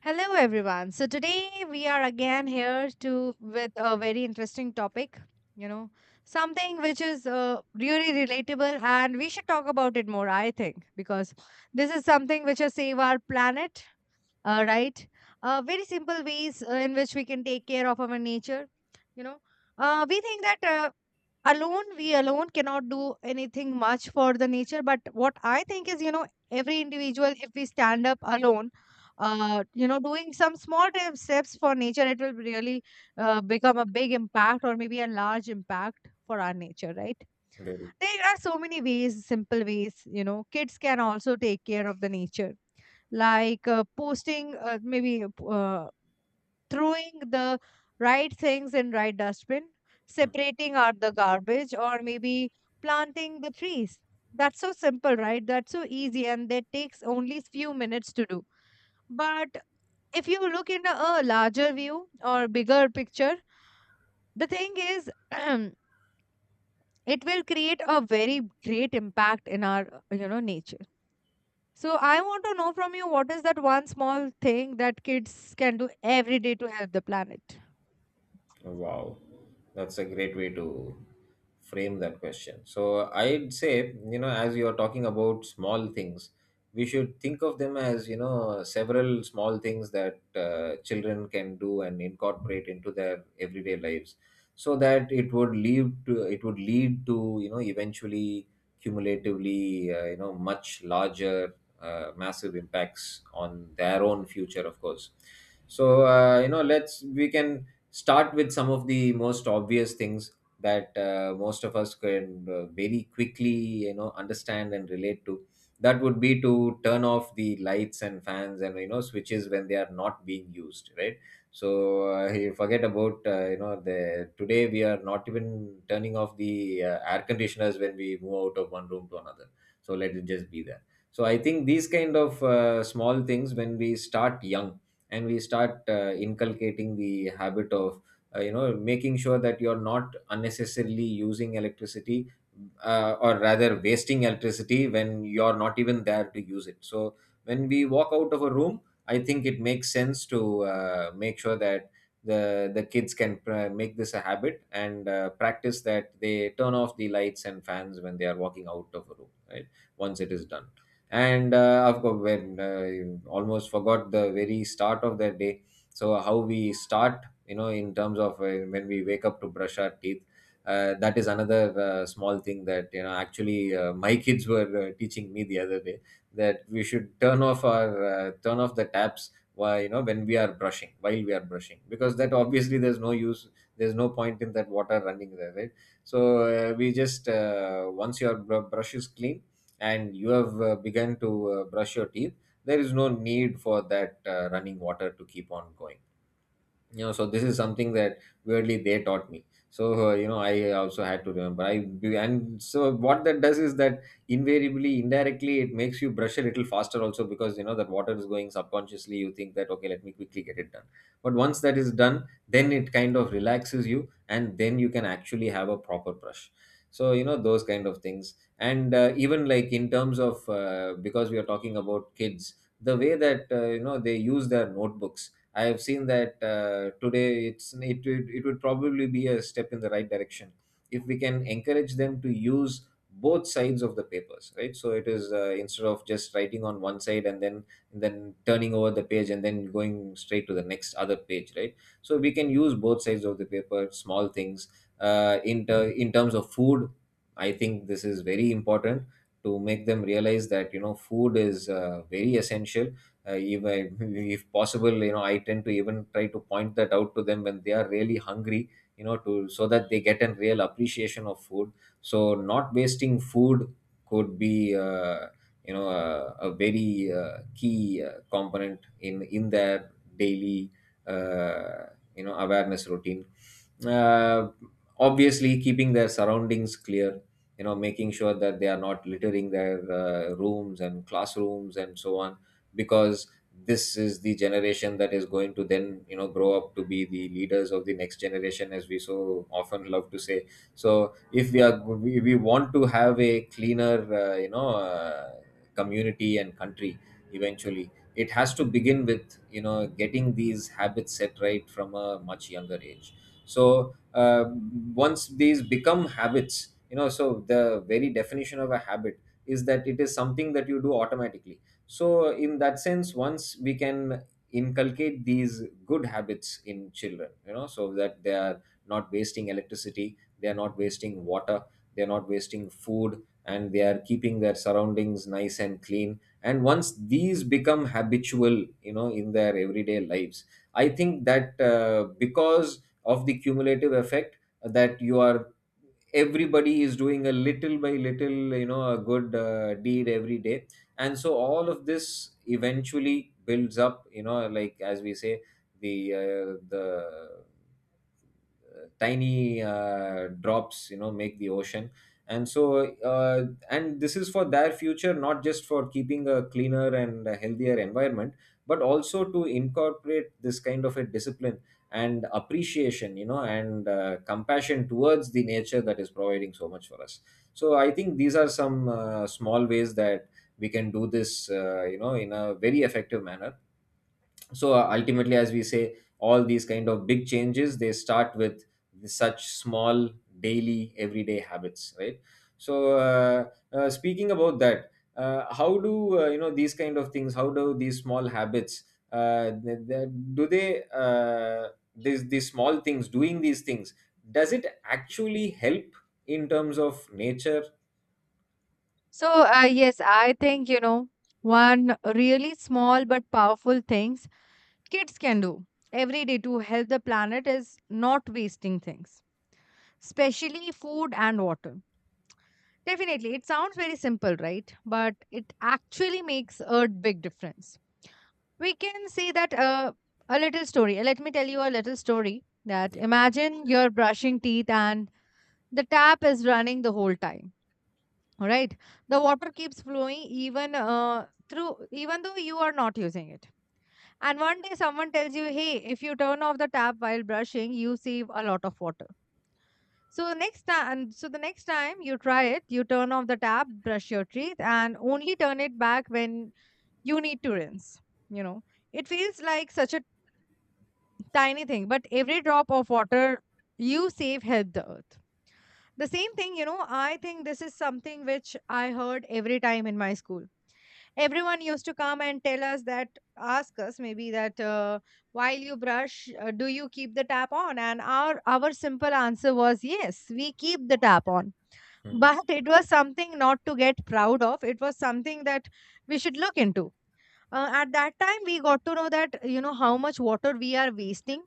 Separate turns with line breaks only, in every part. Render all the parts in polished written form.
Hello, everyone. So today we are again here to with a very interesting topic. You know, something which is really relatable, and we should talk about it more. I think because this is something which will save our planet. Right? Very simple ways in which we can take care of our nature. You know, we think that alone we alone cannot do anything much for the nature, but what I think is, you know, every individual, if we stand up alone, you know, doing some small steps for nature, it will really become a big impact, or maybe a large impact, for our nature, right?
Very.
There are so many ways, simple ways, you know, kids can also take care of the nature, like posting, maybe, throwing the right things in right dustbin,
Mhm.
separating out the garbage, or maybe planting the trees. That's so simple, right? That's so easy, and that takes only few minutes to do. But if you look in a larger view or bigger picture, the thing is, it will create a very great impact in our, you know, nature. So I want to know from you, what is that one small thing that kids can do every day to help the planet?
Wow, that's a great way to frame that question. So I'd say, you know, as you are talking about small things, we should think of them as, you know, several small things that children can do and incorporate into their everyday lives, so that it would lead to you know eventually cumulatively you know much larger massive impacts on their own future, of course. So you know, let's we can start with some of the most obvious things that most of us can very quickly you know understand and relate to. That would be to turn off the lights and fans and you know switches when they are not being used, right? So you forget about you know, the today we are not even turning off the air conditioners when we move out of one room to another, so let it just be there. So I think these kind of small things, when we start young and we start inculcating the habit of you know, making sure that you're not unnecessarily using electricity, or rather wasting electricity when you're not even there to use it. So when we walk out of a room, I think it makes sense to make sure that the kids can make this a habit and practice that they turn off the lights and fans when they are walking out of a room, right? Once it is done, and of course, when almost forgot the very start of the day. So how we start, you know, in terms of when we wake up to brush our teeth. That is another small thing that you know actually my kids were teaching me the other day, that we should turn off the taps while you know when we are brushing because that obviously there's no use, there's no point in that water running there, right? So we just once your brush is clean and you have begun to brush your teeth, there is no need for that running water to keep on going, you know. So this is something that weirdly they taught me, so you know, I also had to remember I And so what that does is that invariably, indirectly, it makes you brush a little faster also, because you know that water is going subconsciously, you think that okay, let me quickly get it done. But once that is done, then it kind of relaxes you and then you can actually have a proper brush. So you know those kind of things. And even like in terms of because we are talking about kids, the way that you know they use their notebooks. I have seen that today, it's it, it it would probably be a step in the right direction if we can encourage them to use both sides of the papers, right? So it is instead of just writing on one side and then turning over the page and then going straight to the next other page, right? So we can use both sides of the paper. Small things. In terms of food, I think this is very important, to make them realize that you know food is very essential. uh, if, I, if possible, you know, I tend to even try to point that out to them when they are really hungry, you know, to so that they get a real appreciation of food. So not wasting food could be you know a very key component in their daily uh, you know awareness routine. uh, Obviously keeping their surroundings clear, you know, making sure that they are not littering their rooms and classrooms and so on, because this is the generation that is going to then you know grow up to be the leaders of the next generation, as we so often love to say. So if we want to have a cleaner you know community and country, eventually it has to begin with you know getting these habits set right from a much younger age. So once these become habits, you know, so the very definition of a habit is that it is something that you do automatically. So in that sense, once we can inculcate these good habits in children, you know, so that they are not wasting electricity, they are not wasting water, they are not wasting food, and they are keeping their surroundings nice and clean, and once these become habitual, you know, in their everyday lives, I think that because of the cumulative effect, that you are everybody is doing a little by little, you know, a good deed every day, and so all of this eventually builds up, you know, like as we say, the tiny drops you know make the ocean. And so and this is for their future, not just for keeping a cleaner and a healthier environment, but also to incorporate this kind of a discipline and appreciation, you know, and compassion towards the nature that is providing so much for us. So I think these are some small ways that we can do this, you know, in a very effective manner. So ultimately, as we say, all these kind of big changes, they start with such small daily everyday habits, right? so uh, Speaking about that, how do you know these kind of things, how do these small habits uh, th- th- do they these small things, doing these things, does it actually help in terms of nature?
So, yes, I think, you know, one really small but powerful things kids can do every day to help the planet is not wasting things, especially food and water. Definitely, it sounds very simple, right? But it actually makes a big difference. We can say that a little story. Let me tell you a little story, that
Yeah.
imagine you're brushing teeth and the tap is running the whole time. All right, the water keeps flowing even, through even though you are not using it. And one day someone tells you, hey, if you turn off the tap while brushing, you save a lot of water. So next time, the next time you try it, you turn off the tap, brush your teeth, and only turn it back when you need to rinse. You know, it feels like such a tiny thing, but every drop of water you save help the earth. The same thing, you know, I think this is something which I heard every time in my school. Everyone used to come and tell us that, ask us maybe that, while you brush, do you keep the tap on? And our simple answer was, yes, we keep the tap on.
Hmm.
But it was something not to get proud of, it was something that we should look into. At that time we got to know that, you know, how much water we are wasting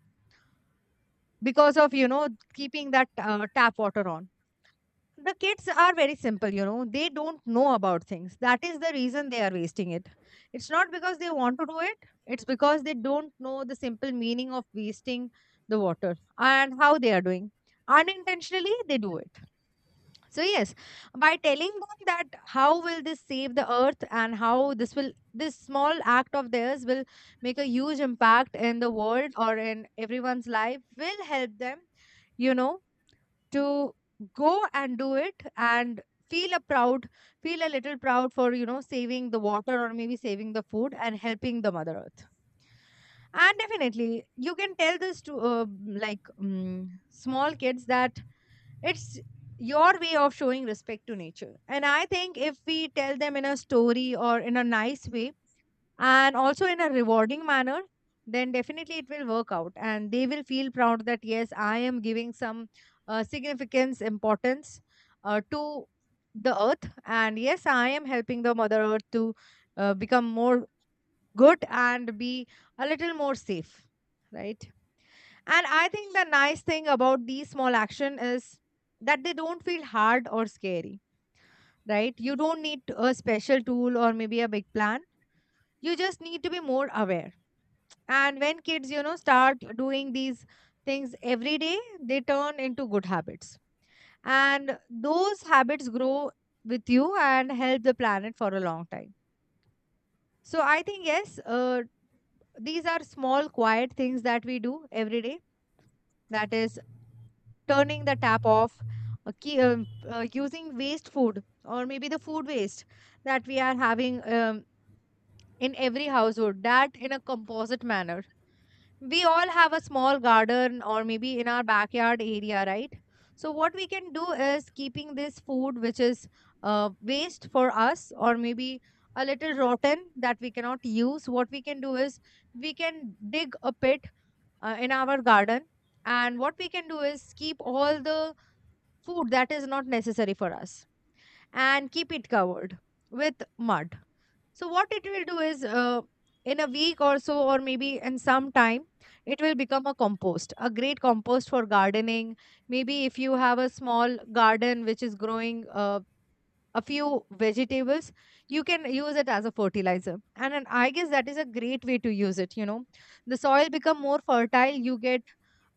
because of, you know, keeping that tap water on. The kids are very simple, you know. They don't know about things. That is the reason they are wasting it. It's not because they want to do it, it's because they don't know the simple meaning of wasting the water and how they are doing. Unintentionally, they do it. So, yes, by telling them that how will this save the earth and how this small act of theirs will make a huge impact in the world or in everyone's life will help them, you know, to go and do it and feel a proud, feel a little proud for, you know, saving the water, or maybe saving the food, and helping the mother earth. And definitely you can tell this to like small kids that it's your way of showing respect to nature. And I think if we tell them in a story or in a nice way, and also in a rewarding manner, then definitely it will work out, and they will feel proud that, yes, I am giving some significance, importance, to the earth, and yes, I am helping the mother earth to become more good and be a little more safe, right? And I think the nice thing about these small action is that they don't feel hard or scary, right? You don't need a special tool or maybe a big plan. You just need to be more aware. And when kids, you know, start doing these things every day, they turn into good habits. And those habits grow with you and help the planet for a long time. So I think, yes, these are small, quiet things that we do every day. That is, turning the tap off, using waste food, or maybe the food waste that we are having, in every household, that in a composite manner. We all have a small garden or maybe in our backyard area, right? So what we can do is keeping this food which is, waste for us, or maybe a little rotten, that we cannot use. What we can do is, we can dig a pit in our garden, and what we can do is keep all the food that is not necessary for us, and keep it covered with mud. So what it will do is, in a week or so, or maybe in some time, it will become a compost, a great compost for gardening. Maybe if you have a small garden which is growing a few vegetables, you can use it as a fertilizer. And I guess that is a great way to use it, you know. The soil become more fertile, you get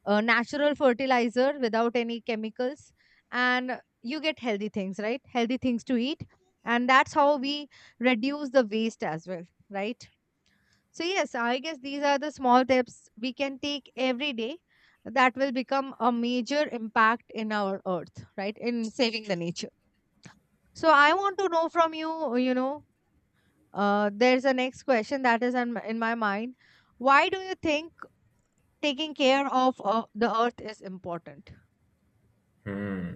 natural fertilizer without any chemicals, and you get healthy things, right, healthy things to eat. And that's how we reduce the waste as well, right? So yes, I guess these are the small steps we can take every day that will become a major impact in our earth, right, in saving the nature. So I want to know from you, you know, there's a next question that is in my mind. Why do you think taking care of, the earth is important?
Hmm.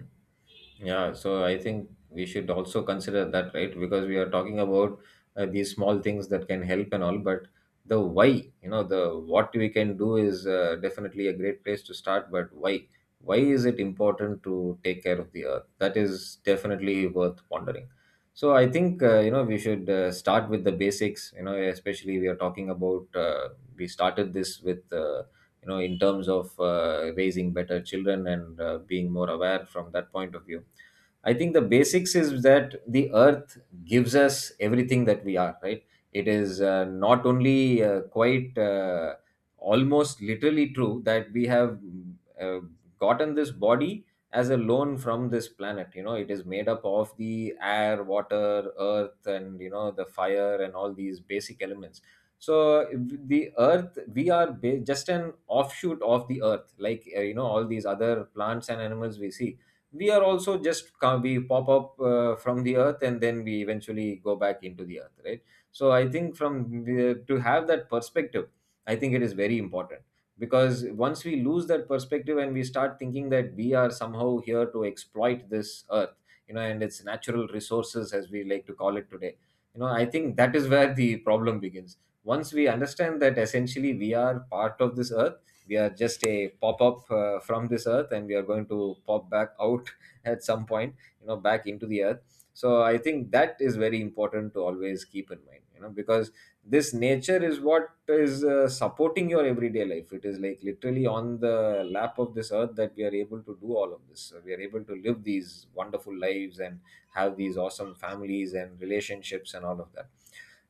Yeah, so I think we should also consider that, right? Because we are talking about these small things that can help and all, but the why, you know, the what we can do is definitely a great place to start, but why? Why is it important to take care of the earth? That is definitely worth pondering. So I think, you know, we should start with the basics, you know, especially we are talking about, we started this with. You know, in terms of raising better children and being more aware from that point of view, I think the basics is that the earth gives us everything that we are, right? It is not only quite almost literally true that we have uh, gotten this body as a loan from this planet. You know, it is made up of the air, water, earth, and you know the fire and all these basic elements. So we are just an offshoot of the earth, like you know all these other plants and animals we see. We are also we pop up from the earth, and then we eventually go back into the earth, right? So I think from to have that perspective, I think it is very important, because once we lose that perspective and we start thinking that we are somehow here to exploit this earth, you know, and its natural resources as we like to call it today, you know, I think that is where the problem begins. Once we understand that essentially we are part of this earth, we are just a pop up from this earth, and we are going to pop back out at some point, you know, back into the earth. So I think that is very important to always keep in mind, you know, because this nature is what is supporting your everyday life. It is like literally on the lap of this earth that we are able to do all of this. So we are able to live these wonderful lives and have these awesome families and relationships and all of that.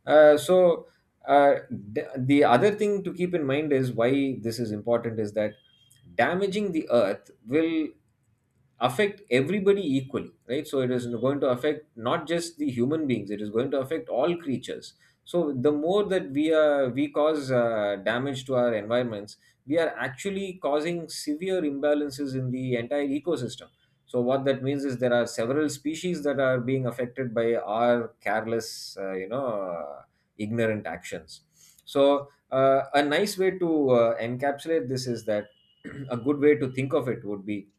uh, so uh, the other thing to keep in mind, is why this is important, is that damaging the earth will affect everybody equally, right? So it is going to affect not just the human beings, it is going to affect all creatures. So the more that we cause damage to our environments, we are actually causing severe imbalances in the entire ecosystem. So what that means is there are several species that are being affected by our careless, you know, ignorant actions. So a nice way to encapsulate this is that a good way to think of it would be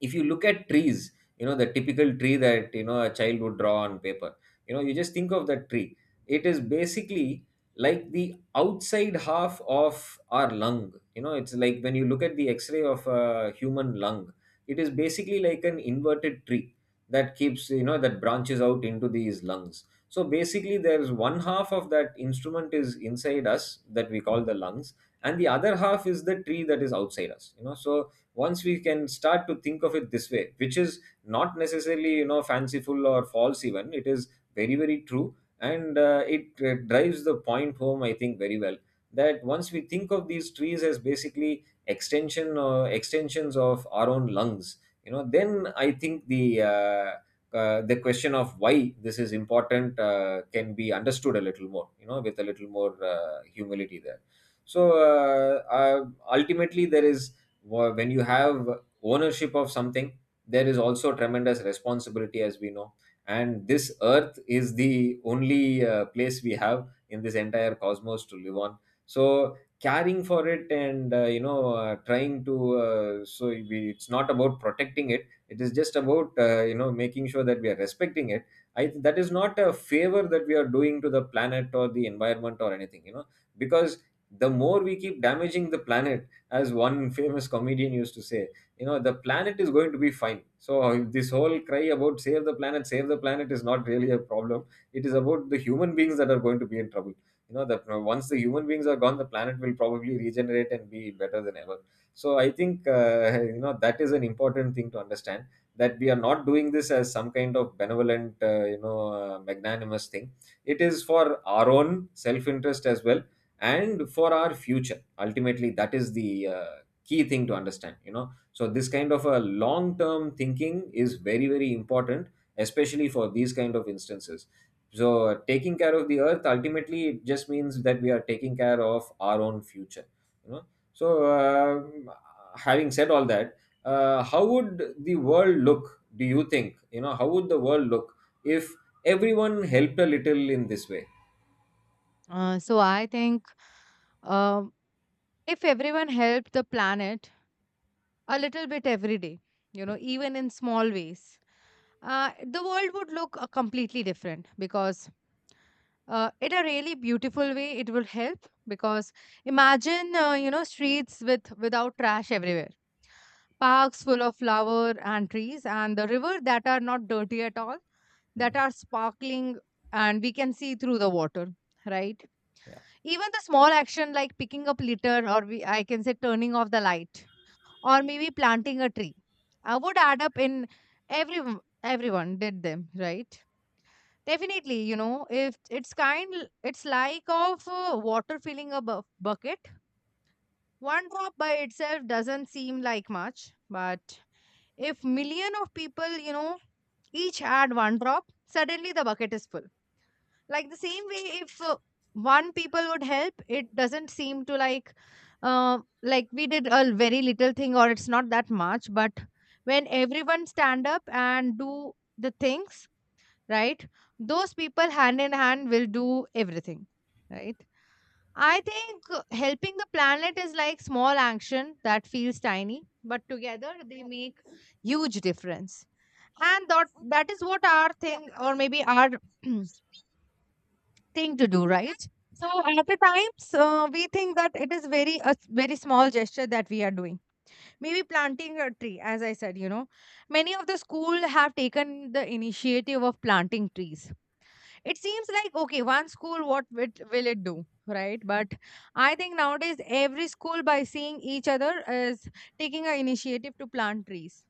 if you look at trees, you know, the typical tree that, you know, a child would draw on paper. You know, you just think of that tree. It is basically like the outside half of our lung. You know, it's like when you look at the x-ray of a human lung, it is basically like an inverted tree that keeps, you know, that branches out into these lungs. So basically there's one half of that instrument is inside us that we call the lungs, and the other half is the tree that is outside us, you know. So once we can start to think of it this way, which is not necessarily, you know, fanciful or false, even it is very, very true, and it drives the point home, I think, very well, that once we think of these trees as basically extensions of our own lungs, you know, then I think the question of why this is important can be understood a little more, you know, with a little more humility there. So uh, uh, ultimately there is when you have ownership of something, there is also tremendous responsibility, as we know. And this earth is the only place we have in this entire cosmos to live on. So caring for it and, you know, trying to so it's not about protecting it, it is just about, you know, making sure that we are respecting it. I that is not a favor that we are doing to the planet or the environment or anything, you know, because the more we keep damaging the planet, as one famous comedian used to say, you know, the planet is going to be fine. So this whole cry about save the planet, save the planet is not really a problem. It is about the human beings that are going to be in trouble, you know that. Once the human beings are gone, the planet will probably regenerate and be better than ever. So I think you know, that is an important thing to understand, that we are not doing this as some kind of benevolent, you know, magnanimous thing. It is for our own self interest as well, and for our future. Ultimately that is the key thing to understand, you know. So this kind of a long term thinking is very, very important, especially for these kind of instances. So taking care of the earth ultimately it just means that we are taking care of our own future, you know. So um having said all that, how would the world look, do you think? You know, how would the world look if everyone helped a little in this way?
So I think, um, if everyone helped the planet a little bit every day, you know, even in small ways, the world would look completely different. Because in a really beautiful way it will help. Because imagine, you know, streets with without trash everywhere, parks full of flower and trees, and the river that are not dirty at all, that
Hmm.
are sparkling, and we can see through the water, right?
Yeah.
Even the small action like picking up litter, or I can say turning off the light, or maybe planting a tree, I would add up in every, everyone did them, right? Definitely, you know, if it's kind, it's like of water filling a bucket. One drop by itself doesn't seem like much, but if million of people, you know, each add one drop, suddenly the bucket is full. Like the same way, if one people would help, it doesn't seem to like, like we did a very little thing, or it's not that much. But when everyone stand up and do the things, right, those people hand in hand will do everything, right? I think helping the planet is like small action that feels tiny but together they make huge difference. And that is what our thing, or maybe our thing to do, right? So at the times, we think that it is very very small gesture that we are doing. Maybe planting a tree, as I said, you know, many of the school have taken the initiative of planting trees. It seems like, okay, one school, will it do, right? But I think nowadays every school, by seeing each other, is taking an initiative to plant trees,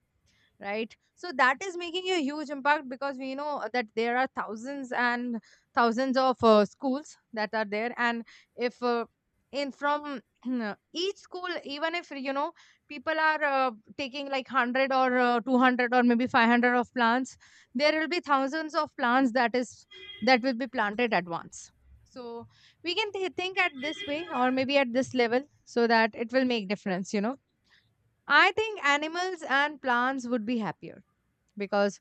right? So that is making a huge impact, because we know that there are thousands and thousands of schools that are there. And if in from each school, even if, you know, people are taking like 100 or 200 or maybe 500 of plants, there will be thousands of plants that will be planted at once. So we can think at this way, or maybe at this level, so that it will make difference, you know. I think animals and plants would be happier, because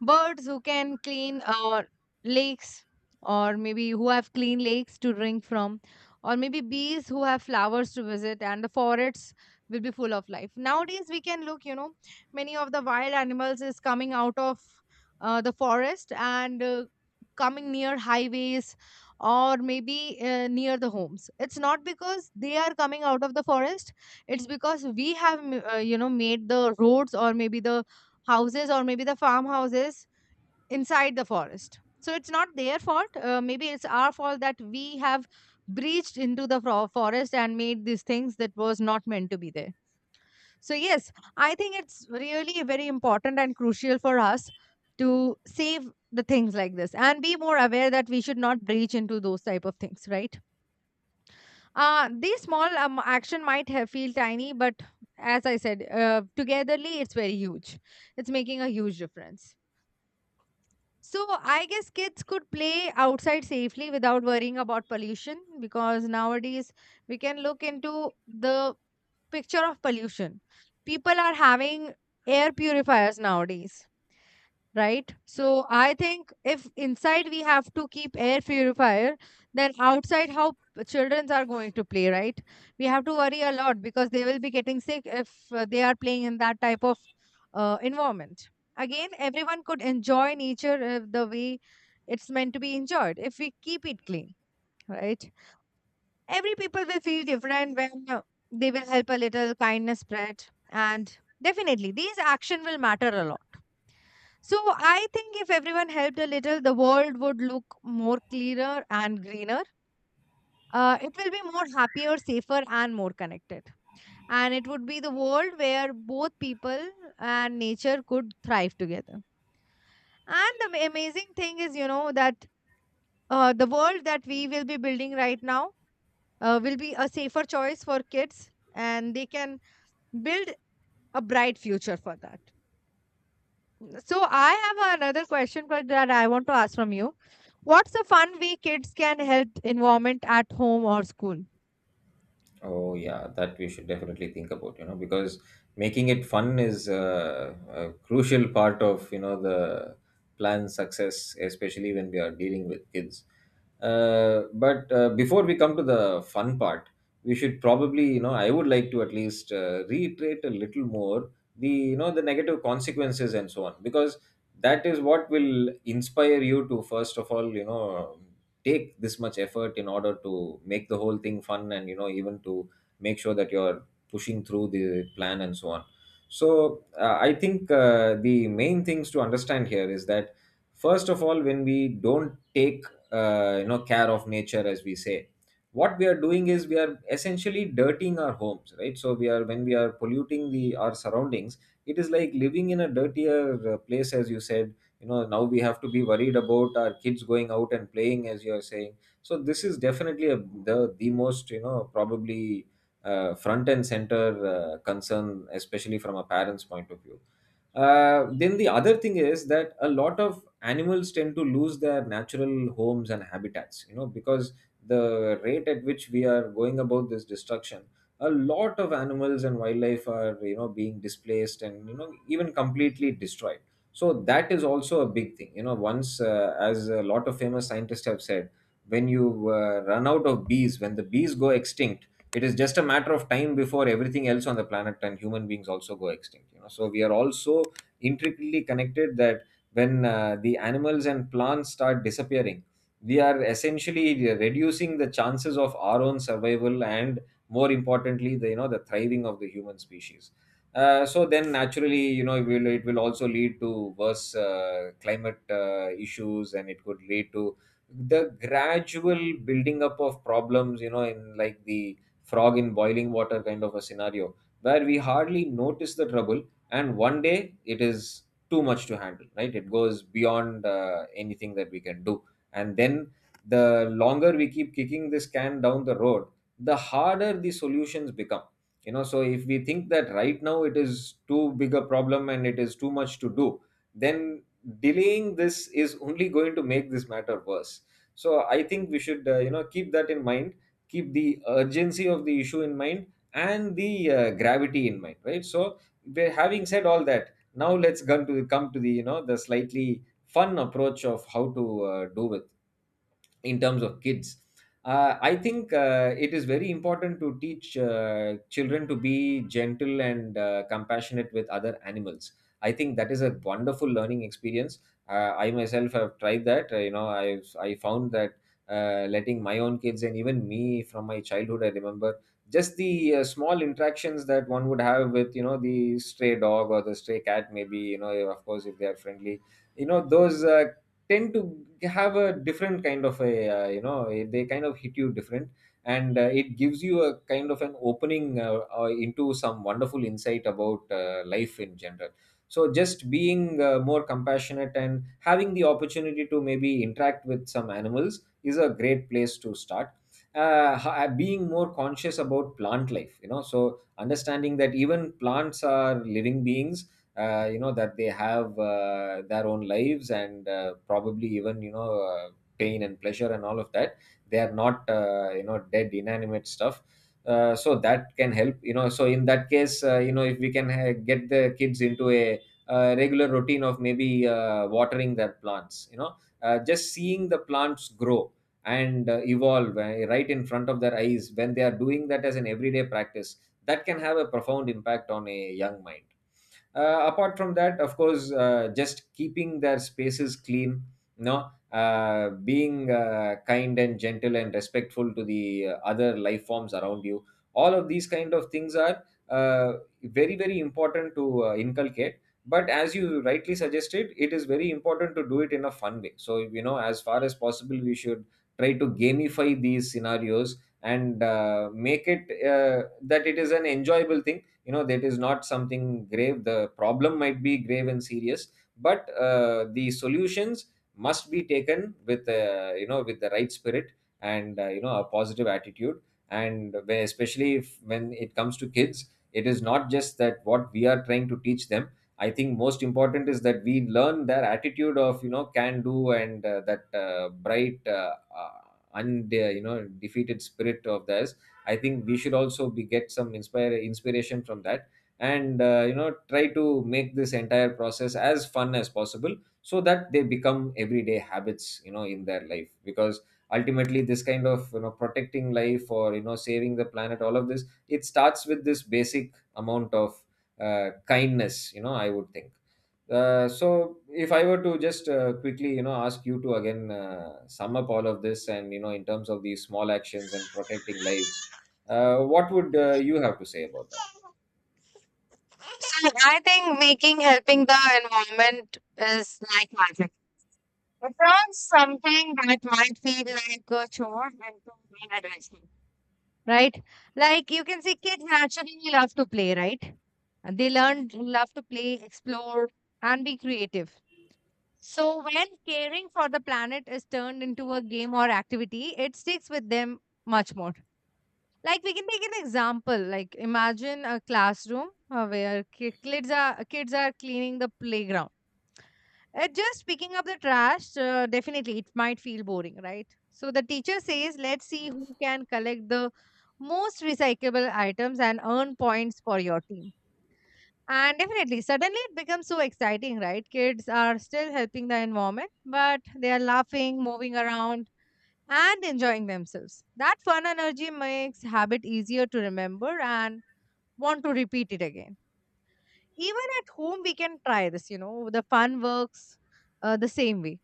birds who can clean lakes, or maybe who have clean lakes to drink from, or maybe bees who have flowers to visit, and the forests will be full of life. Nowadays we can look, you know, many of the wild animals is coming out of, the forest, and coming near highways, or maybe near the homes. It's not because they are coming out of the forest, it's because we have, you know, made the roads, or maybe the houses, or maybe the farmhouses inside the forest. So it's not their fault. Maybe it's our fault that we have breached into the forest and made these things that was not meant to be there. So yes, I think it's really very important and crucial for us to save the things like this and be more aware that we should not breach into those type of things, right? These small action might have feel tiny but as I said, togetherly it's very huge, it's making a huge difference. So I guess kids could play outside safely without worrying about pollution because nowadays we can look into the picture of pollution. People are having air purifiers nowadays, right? So I think if inside we have to keep air purifier, then outside how children are going to play, right? We have to worry a lot because they will be getting sick if they are playing in that type of environment. Again, everyone could enjoy nature the way it's meant to be enjoyed if we keep it clean, right? Every people will feel different when, they will help a little kindness spread, and definitely these action will matter a lot. So I think if everyone helped a little, the world would look more cleaner and greener. It will be more happier, safer, and more connected. And it would be the world where both people and nature could thrive together. And the amazing thing is, you know, that the world that we will be building right now will be a safer choice for kids, and they can build a bright future for that. So I have another question but that I want to ask from you. What's a fun way kids can help environment at home or school?
Oh yeah, that we should definitely think about, you know, because making it fun is a crucial part of, you know, the plan success, especially when we are dealing with kids. But before we come to the fun part, we should probably, you know, I would like to at least reiterate a little more the, you know, the negative consequences and so on, because that is what will inspire you to first of all, you know, take this much effort in order to make the whole thing fun, and you know, even to make sure that you're pushing through the plan and so on. So I think the main things to understand here is that first of all, when we don't take you know, care of nature, as we say, what we are doing is we are essentially dirtying our homes, right? So we are, when we are polluting the our surroundings, it is like living in a dirtier place, as you said. You know, now we have to be worried about our kids going out and playing, as you are saying. So this is definitely a, the most, you know, probably front and center concern, especially from a parent's point of view. Then the other thing is that a lot of animals tend to lose their natural homes and habitats, you know, because the rate at which we are going about this destruction, a lot of animals and wildlife are, you know, being displaced and, you know, even completely destroyed. So that is also a big thing, you know. Once as a lot of famous scientists have said, when you run out of bees, when the bees go extinct, it is just a matter of time before everything else on the planet and human beings also go extinct, you know. So we are also intricately connected, that when the animals and plants start disappearing, we are essentially reducing the chances of our own survival, and more importantly the, you know, the thriving of the human species. So then naturally, you know, it will also lead to worse climate issues, and it could lead to the gradual building up of problems, you know, in like the frog in boiling water kind of a scenario, where we hardly notice the trouble, and one day it is too much to handle, right? It goes beyond anything that we can do. And then the longer we keep kicking this can down the road, the harder the solutions become, you know. So if we think that right now it is too big a problem and it is too much to do, then delaying this is only going to make this matter worse. So I think we should, you know, keep that in mind, keep the urgency of the issue in mind, and the gravity in mind, right? So having said all that, now let's come to the, you know, the slightly fun approach of how to do it in terms of kids. I think it is very important to teach children to be gentle and compassionate with other animals. I think that is a wonderful learning experience. I myself have tried that. You know, I found that letting my own kids, and even me from my childhood, I remember just the small interactions that one would have with, you know, the stray dog or the stray cat, maybe, you know, of course if they are friendly, you know, those tend to have a different kind of a, you know, they kind of hit you different. And it gives you a kind of an opening, into some wonderful insight about life in general. So just being more compassionate and having the opportunity to maybe interact with some animals is a great place to start. Being more conscious about plant life, you know, so understanding that even plants are living beings, you know, that they have their own lives, and probably even, you know, pain and pleasure and all of that. They are not, you know, dead inanimate stuff. So that can help, you know. So in that case, you know, if we can get the kids into a regular routine of maybe watering their plants, you know, just seeing the plants grow and evolve right in front of their eyes, when they are doing that as an everyday practice, that can have a profound impact on a young mind. Apart from that, of course, just keeping their spaces clean, you know, being kind and gentle and respectful to the other life forms around you, all of these kind of things are uh, very, very important to inculcate. But as you rightly suggested, it is very important to do it in a fun way. So, you know, as far as possible we should try to gamify these scenarios, and make it that it is an enjoyable thing. You know, that is not something grave. The problem might be grave and serious, but the solutions must be taken with, you know, with the right spirit, and, you know, a positive attitude. And where, especially if, when it comes to kids, it is not just that what we are trying to teach them. I think most important is that we learn their attitude of, you know, can do, and that bright, uh, und you know, defeated spirit of theirs. I think we should also be get some inspire inspiration from that, and, you know, try to make this entire process as fun as possible, so that they become everyday habits, you know, in their life. Because ultimately this kind of, you know, protecting life or, you know, saving the planet, all of this it starts with this basic amount of kindness, you know, I would think. So if I were to just quickly, you know, ask you to again sum up all of this, and you know, in terms of these small actions and protecting lives, what would you have to say about that?
So I think making helping the environment is like magic. It turns something that might feel like a chore into an adventure. Right? Like you can see kids naturally love to play, right? And they learn love to play, explore, and be creative. So, when caring for the planet is turned into a game or activity, it sticks with them much more. Like we can take an example. Like imagine a classroom, where kids are cleaning the playground. Just picking up the trash, definitely it might feel boring, right? So the teacher says, "Let's see who can collect the most recyclable items and earn points for your team." And definitely, suddenly it becomes so exciting, right? Kids are still helping the environment, but they are laughing, moving around, and enjoying themselves. That fun energy makes habit easier to remember and want to repeat it again. Even at home, we can try this, you know, the fun works the same way.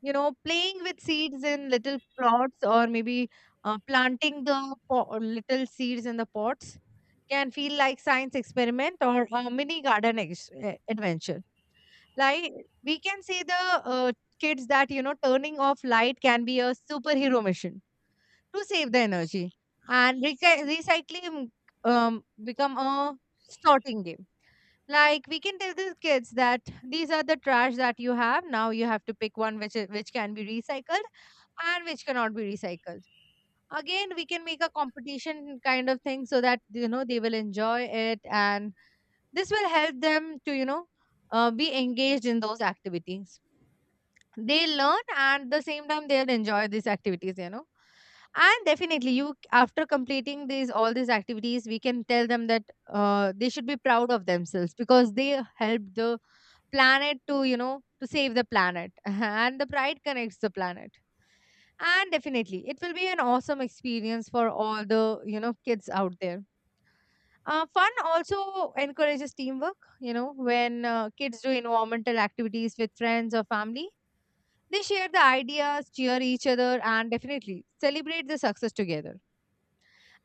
You know, playing with seeds in little plots or maybe planting the little seeds in the pots can feel like science experiment or a mini garden adventure. Like we can see the kids that you know turning off light can be a superhero mission to save the energy, and recycling become a sorting game. Like we can tell the kids that these are the trash that you have. Now you have to pick one which is, which can be recycled and which cannot be recycled. Again, we can make a competition kind of thing so that, you know, they will enjoy it and this will help them to, you know, be engaged in those activities. They learn and the same time they'll enjoy these activities, you know, and definitely you after completing these all these activities we can tell them that they should be proud of themselves because they helped the planet to, you know, to save the planet and the pride connects the planet, and definitely it will be an awesome experience for all the, you know, kids out there. Fun also encourages teamwork, you know, when kids do environmental activities with friends or family, they share the ideas, cheer each other, and definitely celebrate the success together.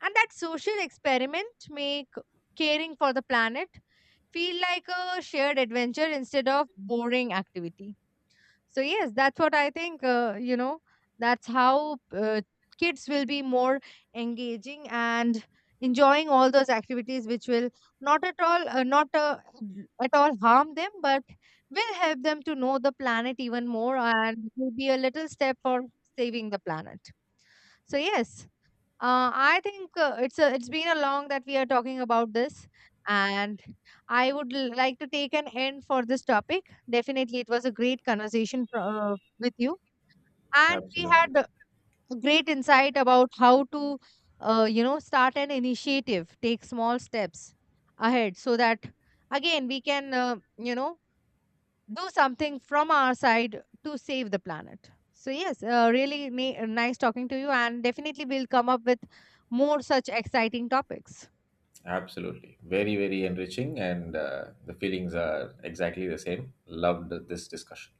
And that social experiment make caring for the planet feel like a shared adventure instead of boring activity. So yes, that's what I think. You know, that's how kids will be more engaging and enjoying all those activities, which will not at all, not at all harm them, but will help them to know the planet even more and will be a little step for saving the planet. So yes, I think it's been a long that we are talking about this, and I would like to take an end for this topic. Definitely, it was a great conversation with you, and we
Absolutely.
had a great insight about how to, you know, start an initiative, take small steps ahead, so that again we can, you know, do something from our side to save the planet. So, yes, really nice talking to you, and definitely we'll come up with more such exciting topics.
Absolutely. Very, very enriching, and the feelings are exactly the same. Loved this discussion.